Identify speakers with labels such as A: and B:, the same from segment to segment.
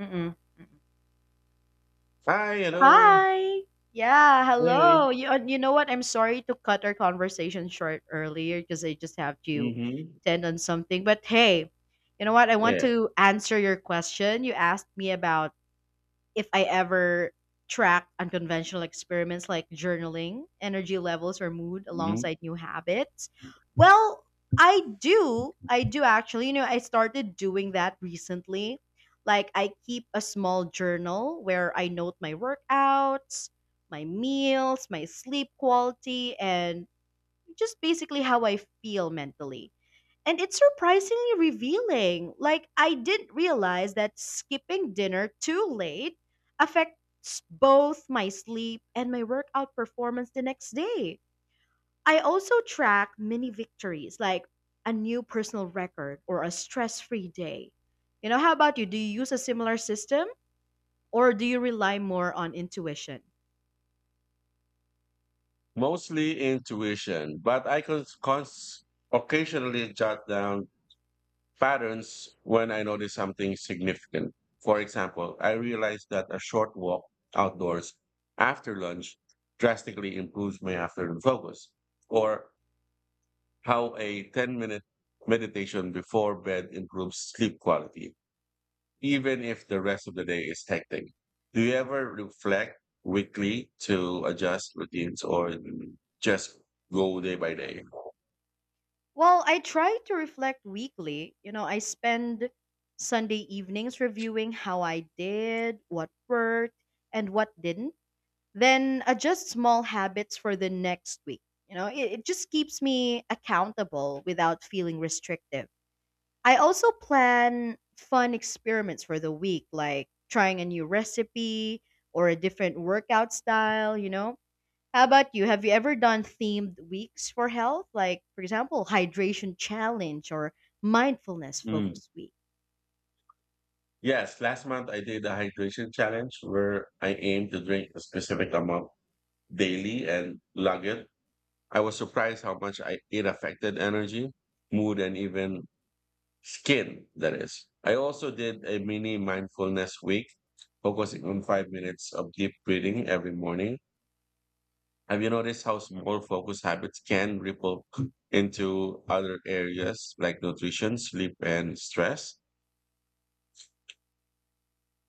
A: Mm-mm, mm-mm.
B: I, you know,
A: Hi. Yeah,
B: really.
A: hello. You you know what? I'm sorry to cut our conversation short earlier because I just have to
B: Hmm
A: attend on something. But hey, you know what? I want
B: Yeah.
A: to answer your question. You asked me about if I ever track unconventional experiments like journaling, energy levels, or mood
B: hmm
A: alongside new habits? Well, I do. I do actually. You know, I started doing that recently. Like, I keep a small journal where I note my workouts, my meals, my sleep quality, and just basically how I feel mentally. And it's surprisingly revealing. Like, I didn't realize that skipping dinner too late affects both my sleep and my workout performance the next day. I also track mini victories, like a new personal record or a stress free day. You know, how about you? Do you use a similar system or do you rely more on intuition?
B: Mostly intuition, but occasionally jot down patterns when I notice something significant. For example, I realized that a short walk outdoors after lunch drastically improves my afternoon focus, or how a 10-minute meditation before bed improves sleep quality, even if the rest of the day is hectic. Do you ever reflect weekly to adjust routines or just go day by day?
A: Well, I try to reflect weekly. You know, I spend Sunday evenings reviewing how I did, what worked, and what didn't, then adjust small habits for the next week. You know, it just keeps me accountable without feeling restrictive. I also plan fun experiments for the week, like trying a new recipe or a different workout style. You know, how about you? Have you ever done themed weeks for health? Like, for example, hydration challenge or mindfulness
B: Mm.
A: focus week?
B: Yes, last month I did a hydration challenge where I aimed to drink a specific amount daily and log it. I was surprised how much it affected energy, mood, and even skin, that is. I also did a mini mindfulness week, focusing on 5 minutes of deep breathing every morning. Have you noticed how small focus habits can ripple into other areas like nutrition, sleep, and stress?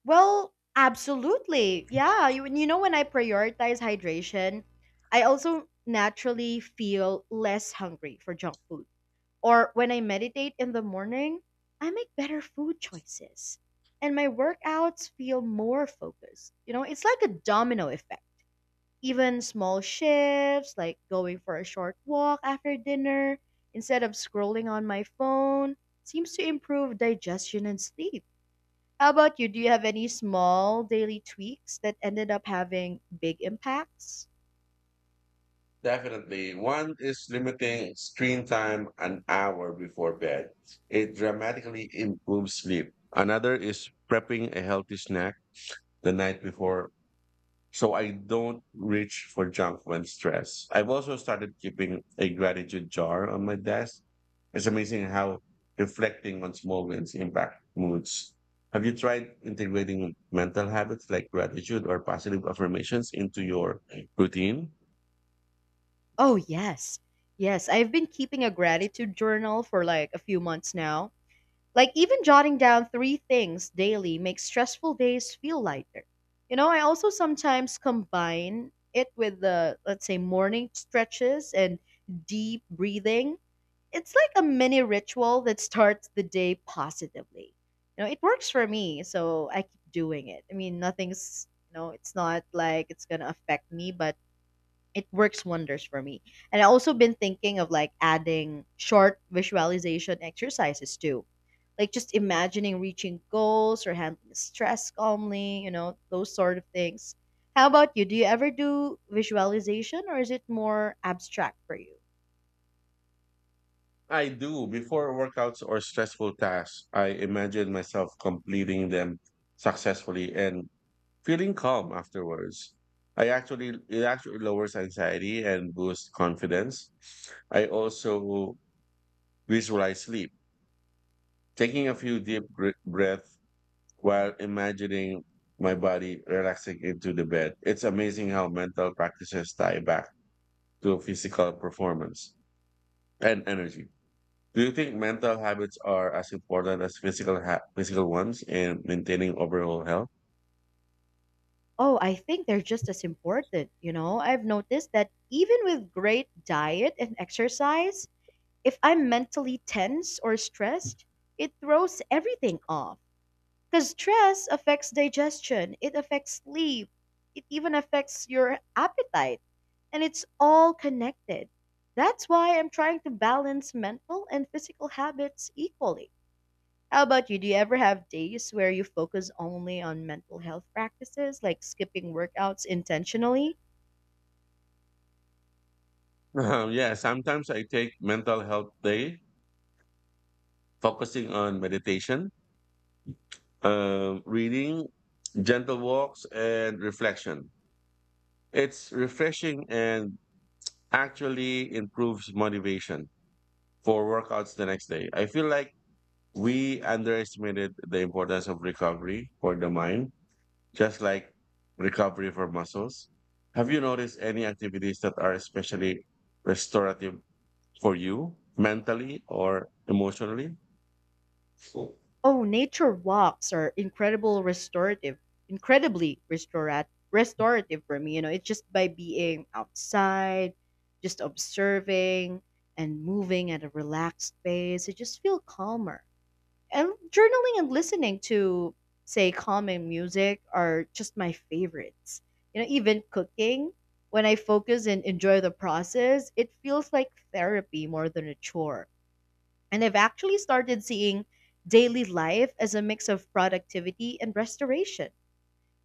A: Well, absolutely. Yeah. You know, when I prioritize hydration, I also naturally feel less hungry for junk food. Or when I meditate in the morning, I make better food choices. And my workouts feel more focused. You know, it's like a domino effect. Even small shifts, like going for a short walk after dinner instead of scrolling on my phone, seems to improve digestion and sleep. How about you? Do you have any small daily tweaks that ended up having big impacts?
B: Definitely. One is limiting screen time an hour before bed. It dramatically improves sleep. Another is prepping a healthy snack the night before, so I don't reach for junk when stressed. I've also started keeping a gratitude jar on my desk. It's amazing how reflecting on small wins impact moods. Have you tried integrating mental habits like gratitude or positive affirmations into your routine?
A: Oh, yes. Yes, I've been keeping a gratitude journal for like a few months now. Like even jotting down 3 things daily makes stressful days feel lighter. You know, I also sometimes combine it with the, let's say, morning stretches and deep breathing. It's like a mini ritual that starts the day positively. You know, it works for me, so I keep doing it. I mean, nothing's, you know, it's not like it's going to affect me, but it works wonders for me. And I also been thinking of like adding short visualization exercises too. Like just imagining reaching goals or handling stress calmly, you know, those sort of things. How about you? Do you ever do visualization or is it more abstract for you?
B: I do. Before workouts or stressful tasks, I imagine myself completing them successfully and feeling calm afterwards. I actually it actually lowers anxiety and boosts confidence. I also visualize sleep, taking a few breaths while imagining my body relaxing into the bed. It's amazing how mental practices tie back to physical performance and energy. Do you think mental habits are as important as physical ones in maintaining overall health?
A: Oh, I think they're just as important, you know. I've noticed that even with great diet and exercise, if I'm mentally tense or stressed, it throws everything off. Because stress affects digestion, it affects sleep, it even affects your appetite, and it's all connected. That's why I'm trying to balance mental and physical habits equally. How about you? Do you ever have days where you focus only on mental health practices, like skipping workouts intentionally?
B: Yeah, sometimes I take mental health day, focusing on meditation, reading, gentle walks, and reflection. It's refreshing and actually improves motivation for workouts the next day. I feel like we underestimated the importance of recovery for the mind, just like recovery for muscles. Have you noticed any activities that are especially restorative for you mentally or emotionally?
A: Oh, nature walks are incredible restorative, incredibly restorat restorative for me. You know, it's just by being outside, just observing and moving at a relaxed pace, I just feel calmer. And journaling and listening to, say, calming music are just my favorites. You know, even cooking, when I focus and enjoy the process, it feels like therapy more than a chore. And I've actually started seeing daily life as a mix of productivity and restoration.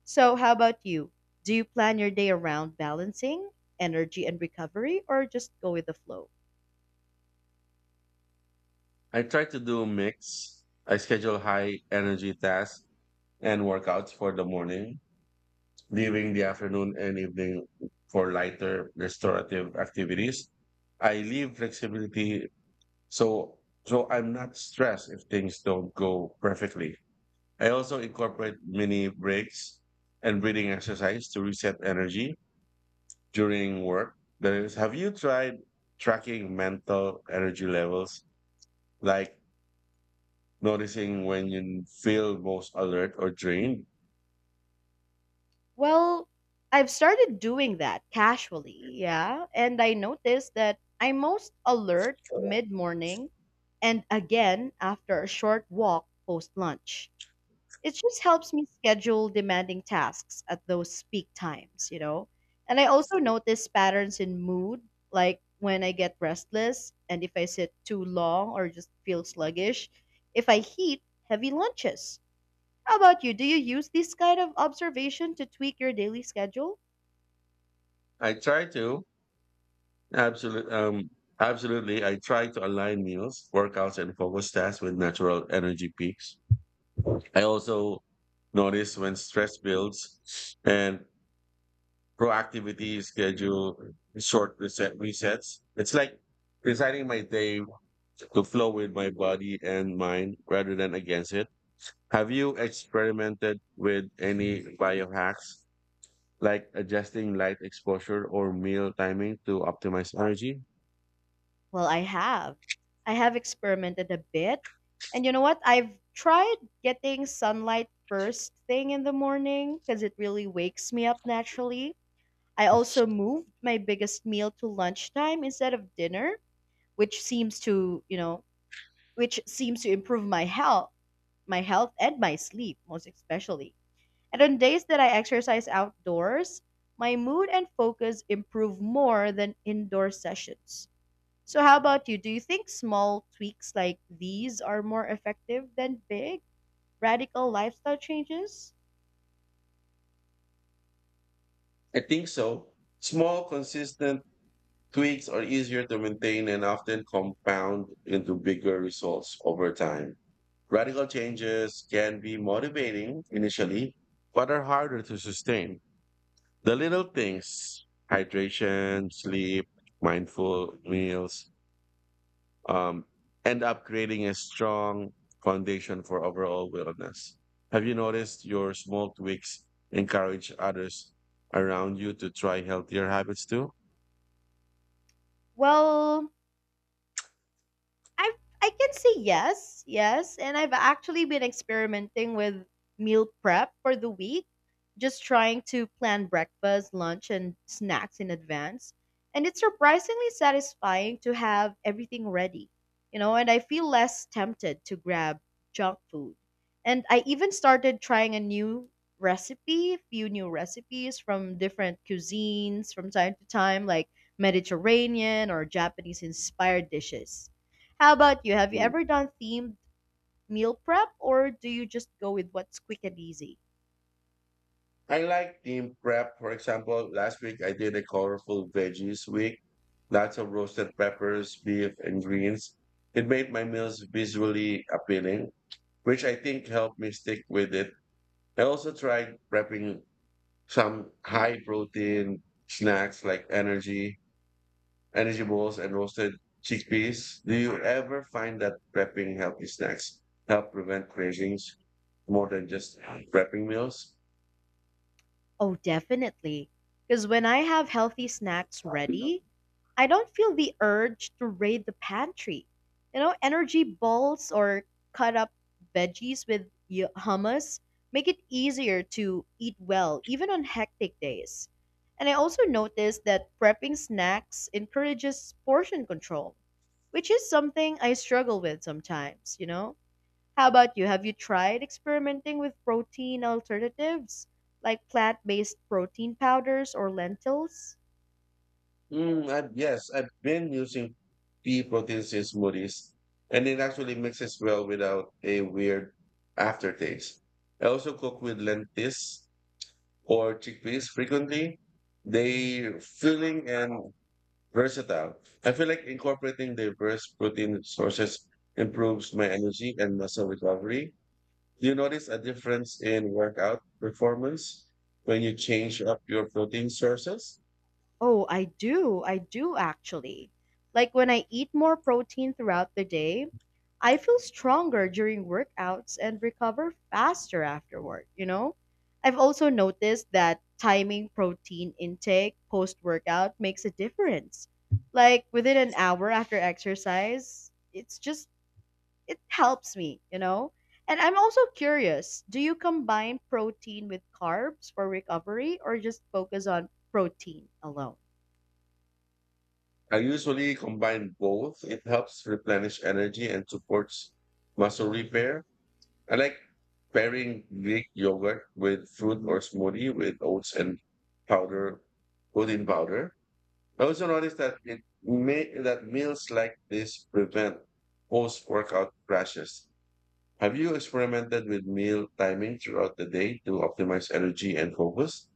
A: So, how about you? Do you plan your day around balancing energy and recovery or just go with the flow?
B: I try to do a mix. I schedule high energy tasks and workouts for the morning, leaving the afternoon and evening for lighter restorative activities. I leave flexibility so so I'm not stressed if things don't go perfectly. I also incorporate mini breaks and breathing exercise to reset energy during work. That is, have you tried tracking mental energy levels, like noticing when you feel most alert or drained?
A: Well, I've started doing that casually, yeah. And I noticed that I'm most alert mid morning and again after a short walk post lunch. It just helps me schedule demanding tasks at those peak times, you know? And I also notice patterns in mood, like when I get restless and if I sit too long or just feel sluggish, if I heat heavy lunches. How about you? Do you use this kind of observation to tweak your daily schedule?
B: I try to absolutely, absolutely. I try to align meals, workouts, and focus tasks with natural energy peaks. I also notice when stress builds and proactivity is schedule short reset resets. It's like designing my day to flow with my body and mind rather than against it. Have you experimented with any biohacks like adjusting light exposure or meal timing to optimize energy?
A: Well, I have. I have experimented a bit. And you know what? I've tried getting sunlight first thing in the morning because it really wakes me up naturally. I also moved my biggest meal to lunchtime instead of dinner, which seems to, you know, which seems to improve my health and my sleep most especially. And on days that I exercise outdoors, my mood and focus improve more than indoor sessions. So how about you? Do you think small tweaks like these are more effective than big radical lifestyle changes?
B: I think so. Small, consistent tweaks are easier to maintain and often compound into bigger results over time. Radical changes can be motivating initially, but are harder to sustain. The little things, hydration, sleep, mindful meals, um, end up creating a strong foundation for overall wellness. Have you noticed your small tweaks encourage others around you to try healthier habits too?
A: Well, I I can say yes, yes, and I've actually been experimenting with meal prep for the week, just trying to plan breakfast, lunch, and snacks in advance. And it's surprisingly satisfying to have everything ready, you know, and I feel less tempted to grab junk food. And I even started trying a new recipe, a few new recipes from different cuisines from time to time, like Mediterranean or Japanese inspired dishes. How about you? Have you ever done themed meal prep or do you just go with what's quick and easy?
B: I like team prep. For example, last week I did a colorful veggies week, lots of roasted peppers, beef, and greens. It made my meals visually appealing, which I think helped me stick with it. I also tried prepping some high protein snacks like energy balls, and roasted chickpeas. Do you ever find that prepping healthy snacks help prevent cravings more than just prepping meals?
A: Oh, definitely. Because when I have healthy snacks ready, I don't feel the urge to raid the pantry. You know, energy balls or cut up veggies with hummus make it easier to eat well, even on hectic days. And I also noticed that prepping snacks encourages portion control, which is something I struggle with sometimes, you know? How about you? Have you tried experimenting with protein alternatives like plant-based protein powders or lentils?
B: Yes, I've been using pea protein in smoothies, and it actually mixes well without a weird aftertaste. I also cook with lentils or chickpeas frequently. They're filling and versatile. I feel like incorporating diverse protein sources improves my energy and muscle recovery. Do you notice a difference in workout performance when you change up your protein sources?
A: Oh, I do. I do actually. Like when I eat more protein throughout the day, I feel stronger during workouts and recover faster afterward, you know? I've also noticed that timing protein intake post-workout makes a difference. Like within an hour after exercise, it helps me, you know? And I'm also curious, do you combine protein with carbs for recovery or just focus on protein alone?
B: I usually combine both. It helps replenish energy and supports muscle repair. I like pairing Greek yogurt with fruit or smoothie with oats and powder, protein powder. I also noticed that meals like this prevent post-workout crashes. Have you experimented with meal timing throughout the day to optimize energy and focus?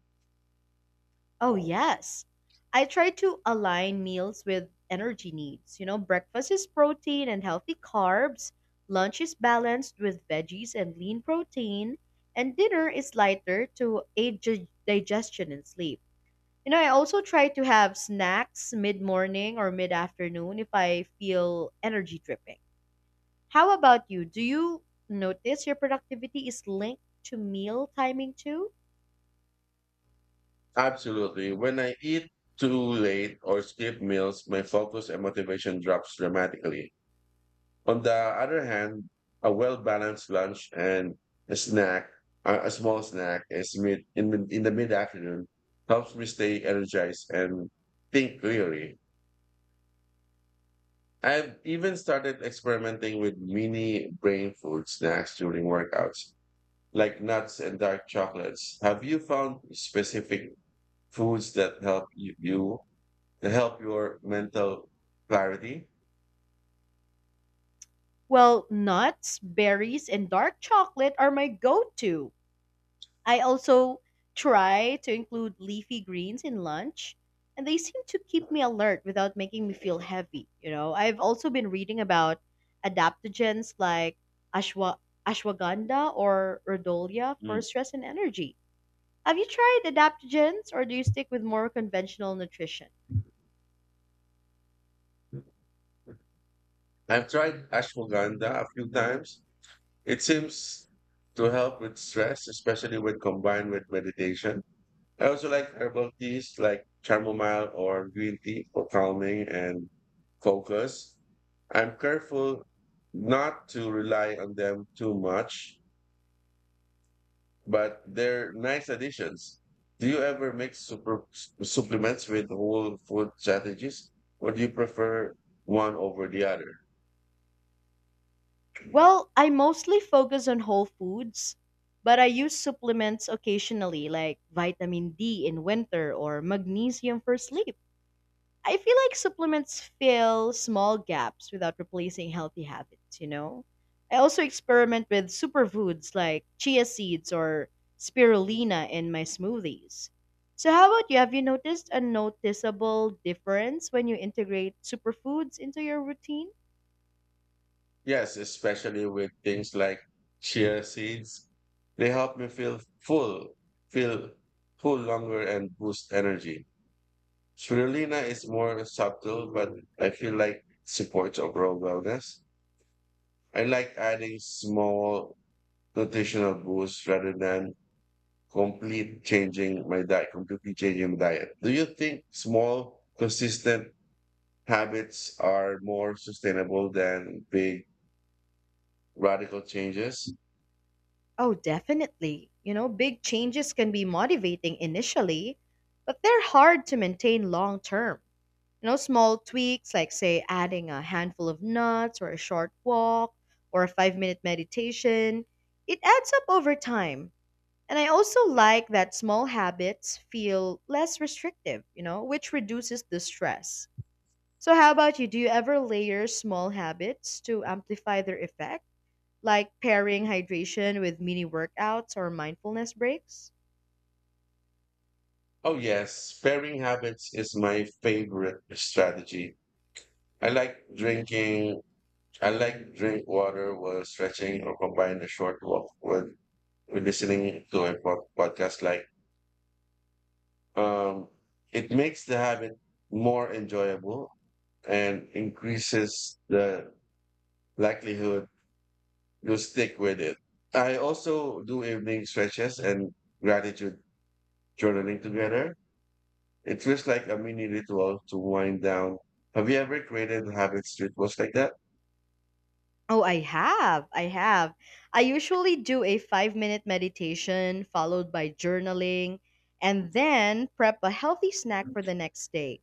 A: Oh, yes. I try to align meals with energy needs. You know, breakfast is protein and healthy carbs, lunch is balanced with veggies and lean protein, and dinner is lighter to aid digestion and sleep. You know, I also try to have snacks mid morning or mid afternoon if I feel energy dripping. How about you? Do you notice your productivity is linked to meal timing too?
B: Absolutely. When I eat too late or skip meals, my focus and motivation drops dramatically. On the other hand, a well-balanced lunch and a snack, a small snack is mid, in the mid-afternoon helps me stay energized and think clearly. I've even started experimenting with mini brain food snacks during workouts, like nuts and dark chocolates. Have you found specific foods that help your mental clarity?
A: Well, nuts, berries, and dark chocolate are my go to. I also try to include leafy greens in lunch, and they seem to keep me alert without making me feel heavy. You know, I've also been reading about adaptogens like ashwa- ashwagandha or rhodolia for
B: Mm.
A: stress and energy. Have you tried adaptogens or do you stick with more conventional nutrition?
B: I've tried ashwagandha a few times. It seems to help with stress, especially when combined with meditation. I also like herbal teas like chamomile or green tea for calming and focus. I'm careful not to rely on them too much, but they're nice additions. Do you ever mix supplements with whole food strategies, or do you prefer one over the other?
A: Well, I mostly focus on whole foods, but I use supplements occasionally like vitamin D in winter or magnesium for sleep. I feel like supplements fill small gaps without replacing healthy habits, you know? I also experiment with superfoods like chia seeds or spirulina in my smoothies. So, how about you? Have you noticed a noticeable difference when you integrate superfoods into your routine?
B: Yes, especially with things like chia seeds. They help me feel full longer, and boost energy. Spirulina is more subtle, but I feel like supports overall wellness. I like adding small nutritional boosts rather than completely changing my diet. Do you think small, consistent habits are more sustainable than big, radical changes?
A: Oh, definitely. You know, big changes can be motivating initially, but they're hard to maintain long term. You know, small tweaks like, say, adding a handful of nuts or a short walk or a 5 minute meditation, it adds up over time. And I also like that small habits feel less restrictive, you know, which reduces the stress. So, how about you? Do you ever layer small habits to amplify their effect, like pairing hydration with mini workouts or mindfulness breaks?
B: Oh, yes. Pairing habits is my favorite strategy. I like drinking, I like drink water while stretching or combine a short walk with listening to a podcast. Um, it makes the habit more enjoyable and increases the likelihood you stick with it. I also do evening stretches and gratitude journaling together. It feels like a mini ritual to wind down. Have you ever created habits rituals like that?
A: Oh, I have. I have. I usually do a 5 minute meditation followed by journaling and then prep a healthy snack for the next day.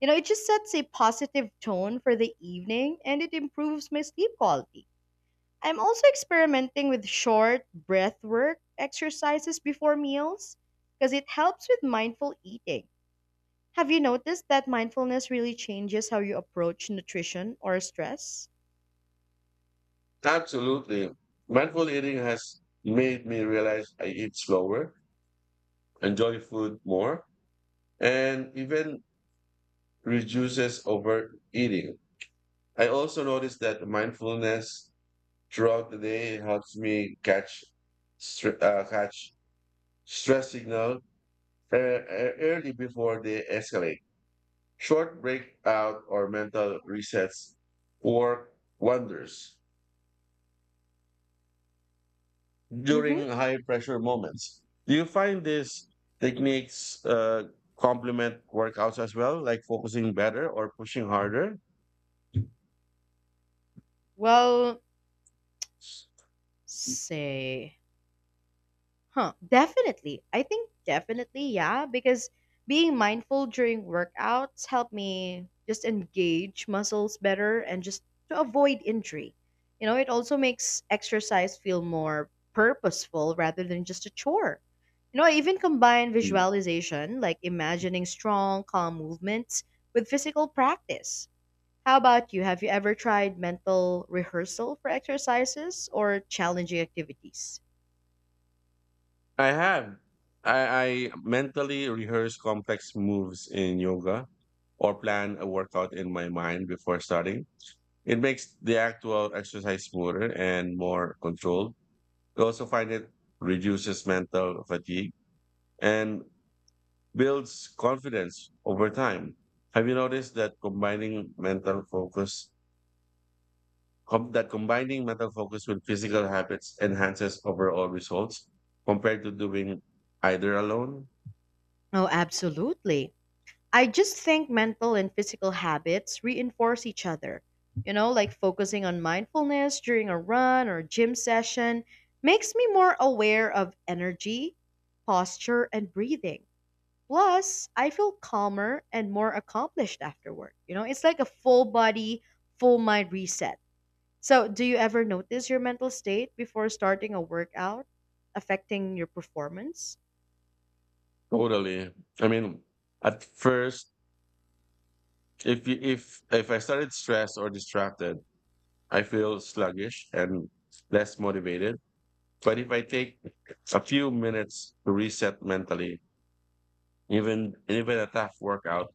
A: You know, it just sets a positive tone for the evening and it improves my sleep quality. I'm also experimenting with short breath work exercises before meals because it helps with mindful eating. Have you noticed that mindfulness really changes how you approach nutrition or stress?
B: Absolutely. Mindful eating has made me realize I eat slower, enjoy food more, and even reduces overeating. I also noticed that mindfulness throughout the day helps me catch catch stress signal early before they escalate. Short breakout or mental resets work wonders during
A: Mm-hmm.
B: high pressure moments. Do you find these techniques complement workouts as well, like focusing better or pushing harder?
A: Well, Say, definitely. I think definitely, yeah, because being mindful during workouts help me just engage muscles better and just to avoid injury. You know, it also makes exercise feel more purposeful rather than just a chore. You know, I even combine
B: Mm.
A: visualization, like imagining strong, calm movements, with physical practice. How about you? Have you ever tried mental rehearsal for exercises or challenging activities?
B: I have. I mentally rehearse complex moves in yoga or plan a workout in my mind before starting. It makes the actual exercise smoother and more controlled. I also find it reduces mental fatigue and builds confidence over time. Have you noticed that combining mental focus com- that combining mental focus with physical habits enhances overall results compared to doing either alone?
A: Oh, absolutely. I just think mental and physical habits reinforce each other. You know, like focusing on mindfulness during a run or gym session makes me more aware of energy, posture, and breathing. Plus, I feel calmer and more accomplished afterward. You know, it's like a full body, full mind reset. So, do you ever notice your mental state before starting a workout affecting your performance?
B: Totally. I mean, at first, if you, if I started stressed or distracted, I feel sluggish and less motivated. But if I take a few minutes to reset mentally, even a tough workout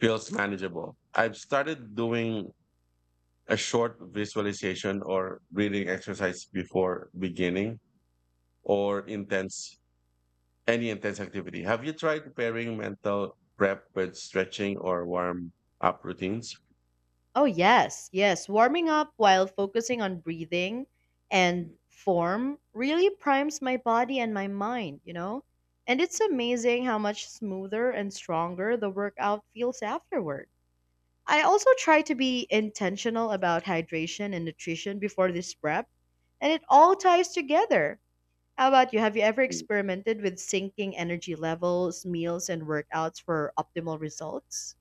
B: feels manageable. I've started doing a short visualization or breathing exercise before beginning or intense any intense activity. Have you tried pairing mental prep with stretching or warm up routines?
A: Oh, yes, yes. Warming up while focusing on breathing and form really primes my body and my mind, you know? And it's amazing how much smoother and stronger the workout feels afterward. I also try to be intentional about hydration and nutrition before this prep, and it all ties together. How about you? Have you ever
B: Mm.
A: experimented with syncing energy levels, meals, and workouts for optimal results?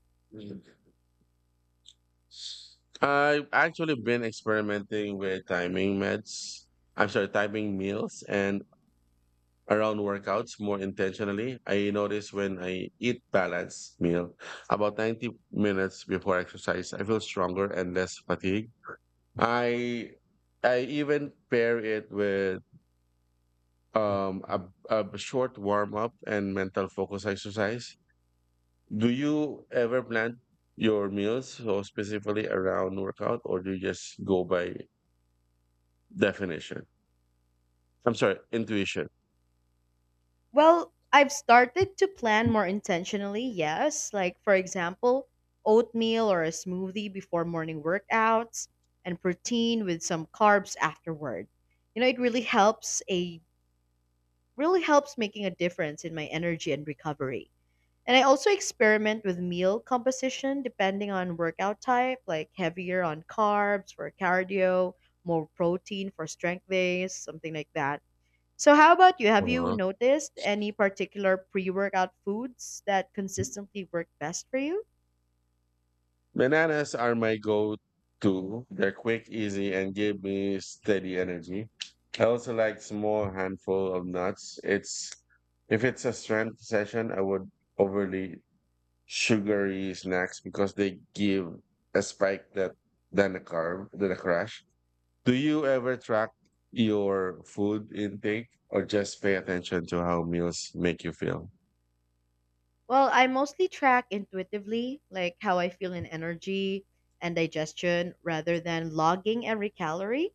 B: I've actually been experimenting with timing meds. I'm sorry, timing meals and around workouts more intentionally. I notice when I eat balanced meal about 90 minutes before exercise, I feel stronger and less fatigued. I I even pair it with um, a, a short warm up and mental focus exercise. Do you ever plan your meals so specifically around workout, or do you just go by definition? Intuition?
A: Well, I've started to plan more intentionally, yes. Like, for example, oatmeal or a smoothie before morning workouts and protein with some carbs afterward. You know, it really helps a really helps making a difference in my energy and recovery. And I also experiment with meal composition depending on workout type, like heavier on carbs for cardio, more protein for strength days, something like that. So, how about you? Have you noticed any particular pre workout foods that consistently work best for you?
B: Bananas are my go-to. They're quick, easy, and give me steady energy. I also like small handful of nuts. It's if it's a strength session, I would overly sugary snacks because they give a spike that than a carb than a crash. Do you ever track your food intake or just pay attention to how meals make you feel?
A: Well, I mostly track intuitively, like how I feel in energy and digestion rather than logging every calorie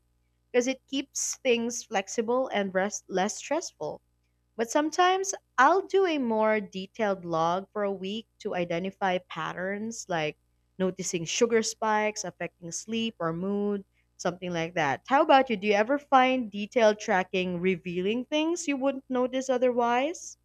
A: because it keeps things flexible and rest- less stressful. But sometimes I'll do a more detailed log for a week to identify patterns like noticing sugar spikes affecting sleep or mood, something like that. How about you? Do you ever find detailed tracking revealing things you wouldn't notice otherwise?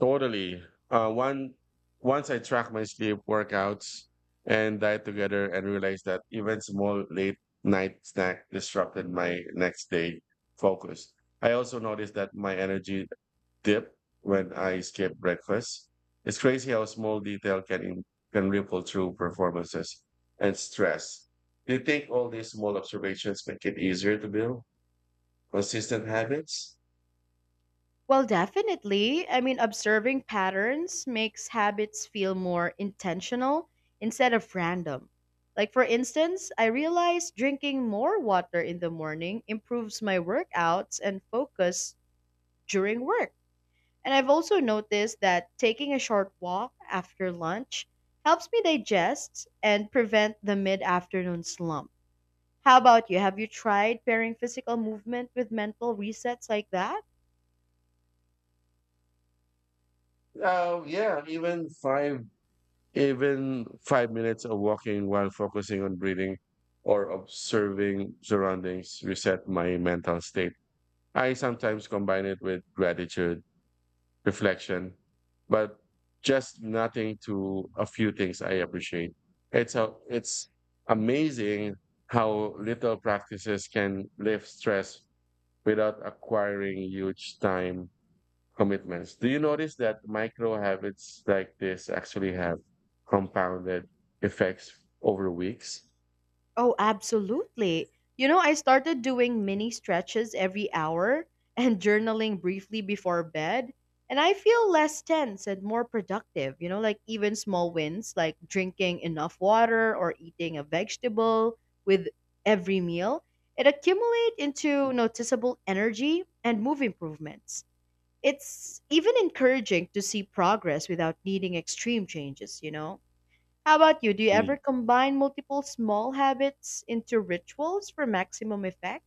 B: Totally. One once I track my sleep, workouts, and diet together, and realized that even small late night snack disrupted my next day focus. I also noticed that my energy dipped when I skipped breakfast. It's crazy how small detail can ripple through performances and stress. Do you think all these small observations make it easier to build consistent habits?
A: Well, definitely. I mean, observing patterns makes habits feel more intentional instead of random. Like, for instance, I realized drinking more water in the morning improves my workouts and focus during work. And I've also noticed that taking a short walk after lunch helps me digest and prevent the mid afternoon slump. How about you? Have you tried pairing physical movement with mental resets like that?
B: Oh yeah, even five Even 5 minutes of walking while focusing on breathing or observing surroundings reset my mental state. I sometimes combine it with gratitude, reflection, but just nothing to a few things I appreciate. It's amazing how little practices can lift stress without acquiring huge time commitments. Do you notice that micro habits like this actually have compounded effects over weeks?
A: Oh, absolutely. You know, I started doing mini stretches every hour and journaling briefly before bed, and I feel less tense and more productive. You know, like even small wins like drinking enough water or eating a vegetable with every meal, it accumulate into noticeable energy and move improvements. It's even encouraging to see progress without needing extreme changes, you know? How about you? Do you
B: Mm.
A: ever combine multiple small habits into rituals for maximum effect?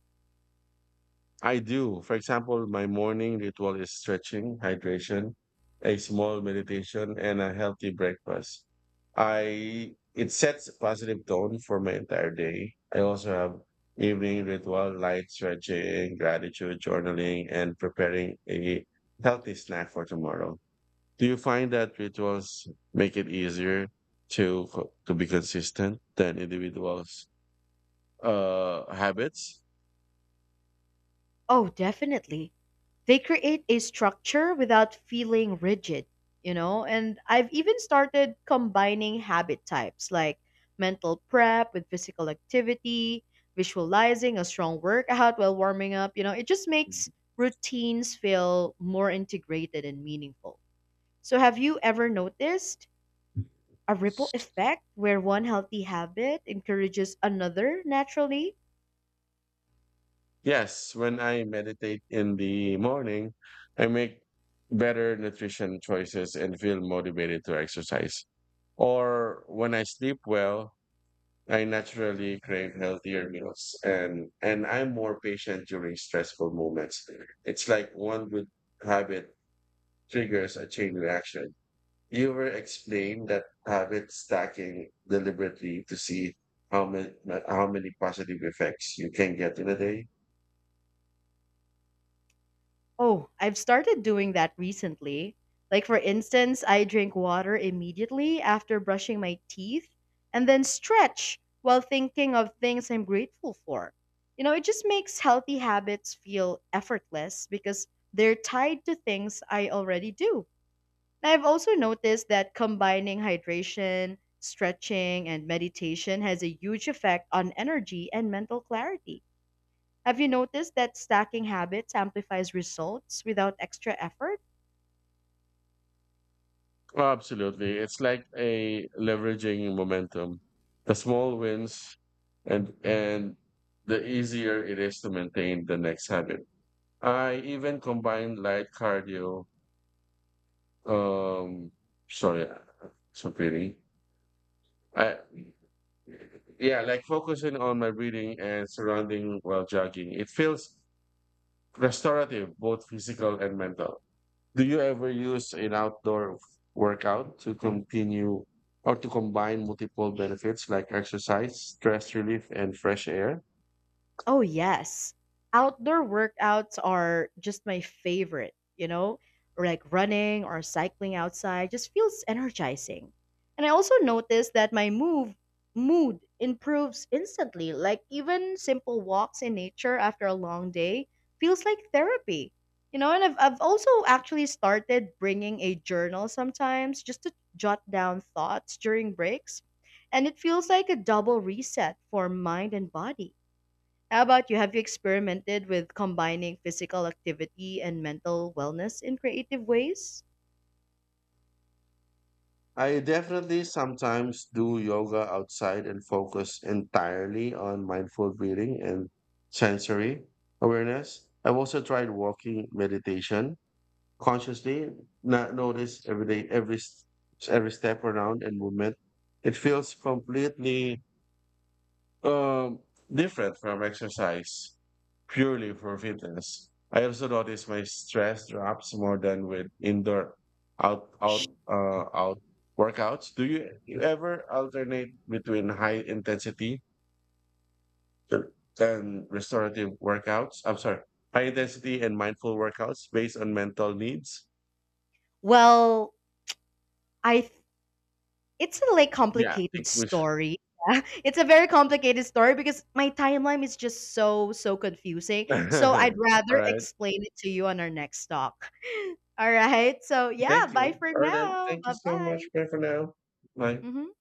B: I do. For example, my morning ritual is stretching, hydration, a small meditation, and a healthy breakfast. I it sets a positive tone for my entire day. I also have evening ritual, light stretching, gratitude journaling, and preparing a healthy snack for tomorrow. Do you find that rituals make it easier to be consistent than individuals habits?
A: Oh, definitely. They create a structure without feeling rigid, you know? And I've even started combining habit types like mental prep with physical activity, visualizing a strong workout while warming up, you know? It just makes routines feel more integrated and meaningful. So, have you ever noticed a ripple effect where one healthy habit encourages another naturally?
B: Yes, when I meditate in the morning, I make better nutrition choices and feel motivated to exercise. Or when I sleep well, I naturally crave healthier meals and I'm more patient during stressful moments. It's like one good habit triggers a chain reaction. Ewer explained that habit stacking deliberately to see how many how many positive effects you can get in a day.
A: Oh, I've started doing that recently. Like, for instance, I drink water immediately after brushing my teeth and then stretch while thinking of things I'm grateful for. You know, it just makes healthy habits feel effortless because they're tied to things I already do. Now, I've also noticed that combining hydration, stretching, and meditation has a huge effect on energy and mental clarity. Have you noticed that stacking habits amplifies results without extra effort?
B: Oh, absolutely. It's like a leveraging momentum. The small wins and the easier it is to maintain the next habit. I even combine light cardio. Um, sorry, so pretty. I Yeah, like focusing on my breathing and surrounding while jogging. It feels restorative, both physical and mental. Do you ever use an outdoor workout to continue or to combine multiple benefits like exercise, stress relief, and fresh air?
A: Oh, yes. Outdoor workouts are just my favorite, you know? Or like running or cycling outside just feels energizing. And I also noticed that my move mood improves instantly. Like even simple walks in nature after a long day feels like therapy. You know, and I've also actually started bringing a journal sometimes just to jot down thoughts during breaks, and it feels like a double reset for mind and body. How about you? Have you experimented with combining physical activity and mental wellness in creative ways?
B: I definitely sometimes do yoga outside and focus entirely on mindful breathing and sensory awareness. I've also tried walking meditation consciously not notice every day every s- every step around and movement. It feels completely um different from exercise purely for fitness. I also notice my stress drops more than with indoor out out out workouts. You ever alternate between and restorative workouts i'm sorry high intensity and mindful workouts based on mental needs?
A: Well, I th- it's a like
B: Yeah, I
A: complicated
B: think we
A: story. Yeah. It's a very complicated story because my timeline is just so confusing. So I'd rather
B: alright.
A: explain it to you on our next talk. All right. So yeah,
B: Thank
A: bye
B: you.
A: for
B: Alright then.
A: now.
B: Thank you
A: Bye
B: so
A: bye.
B: much, bye for now. Bye.
A: Hmm.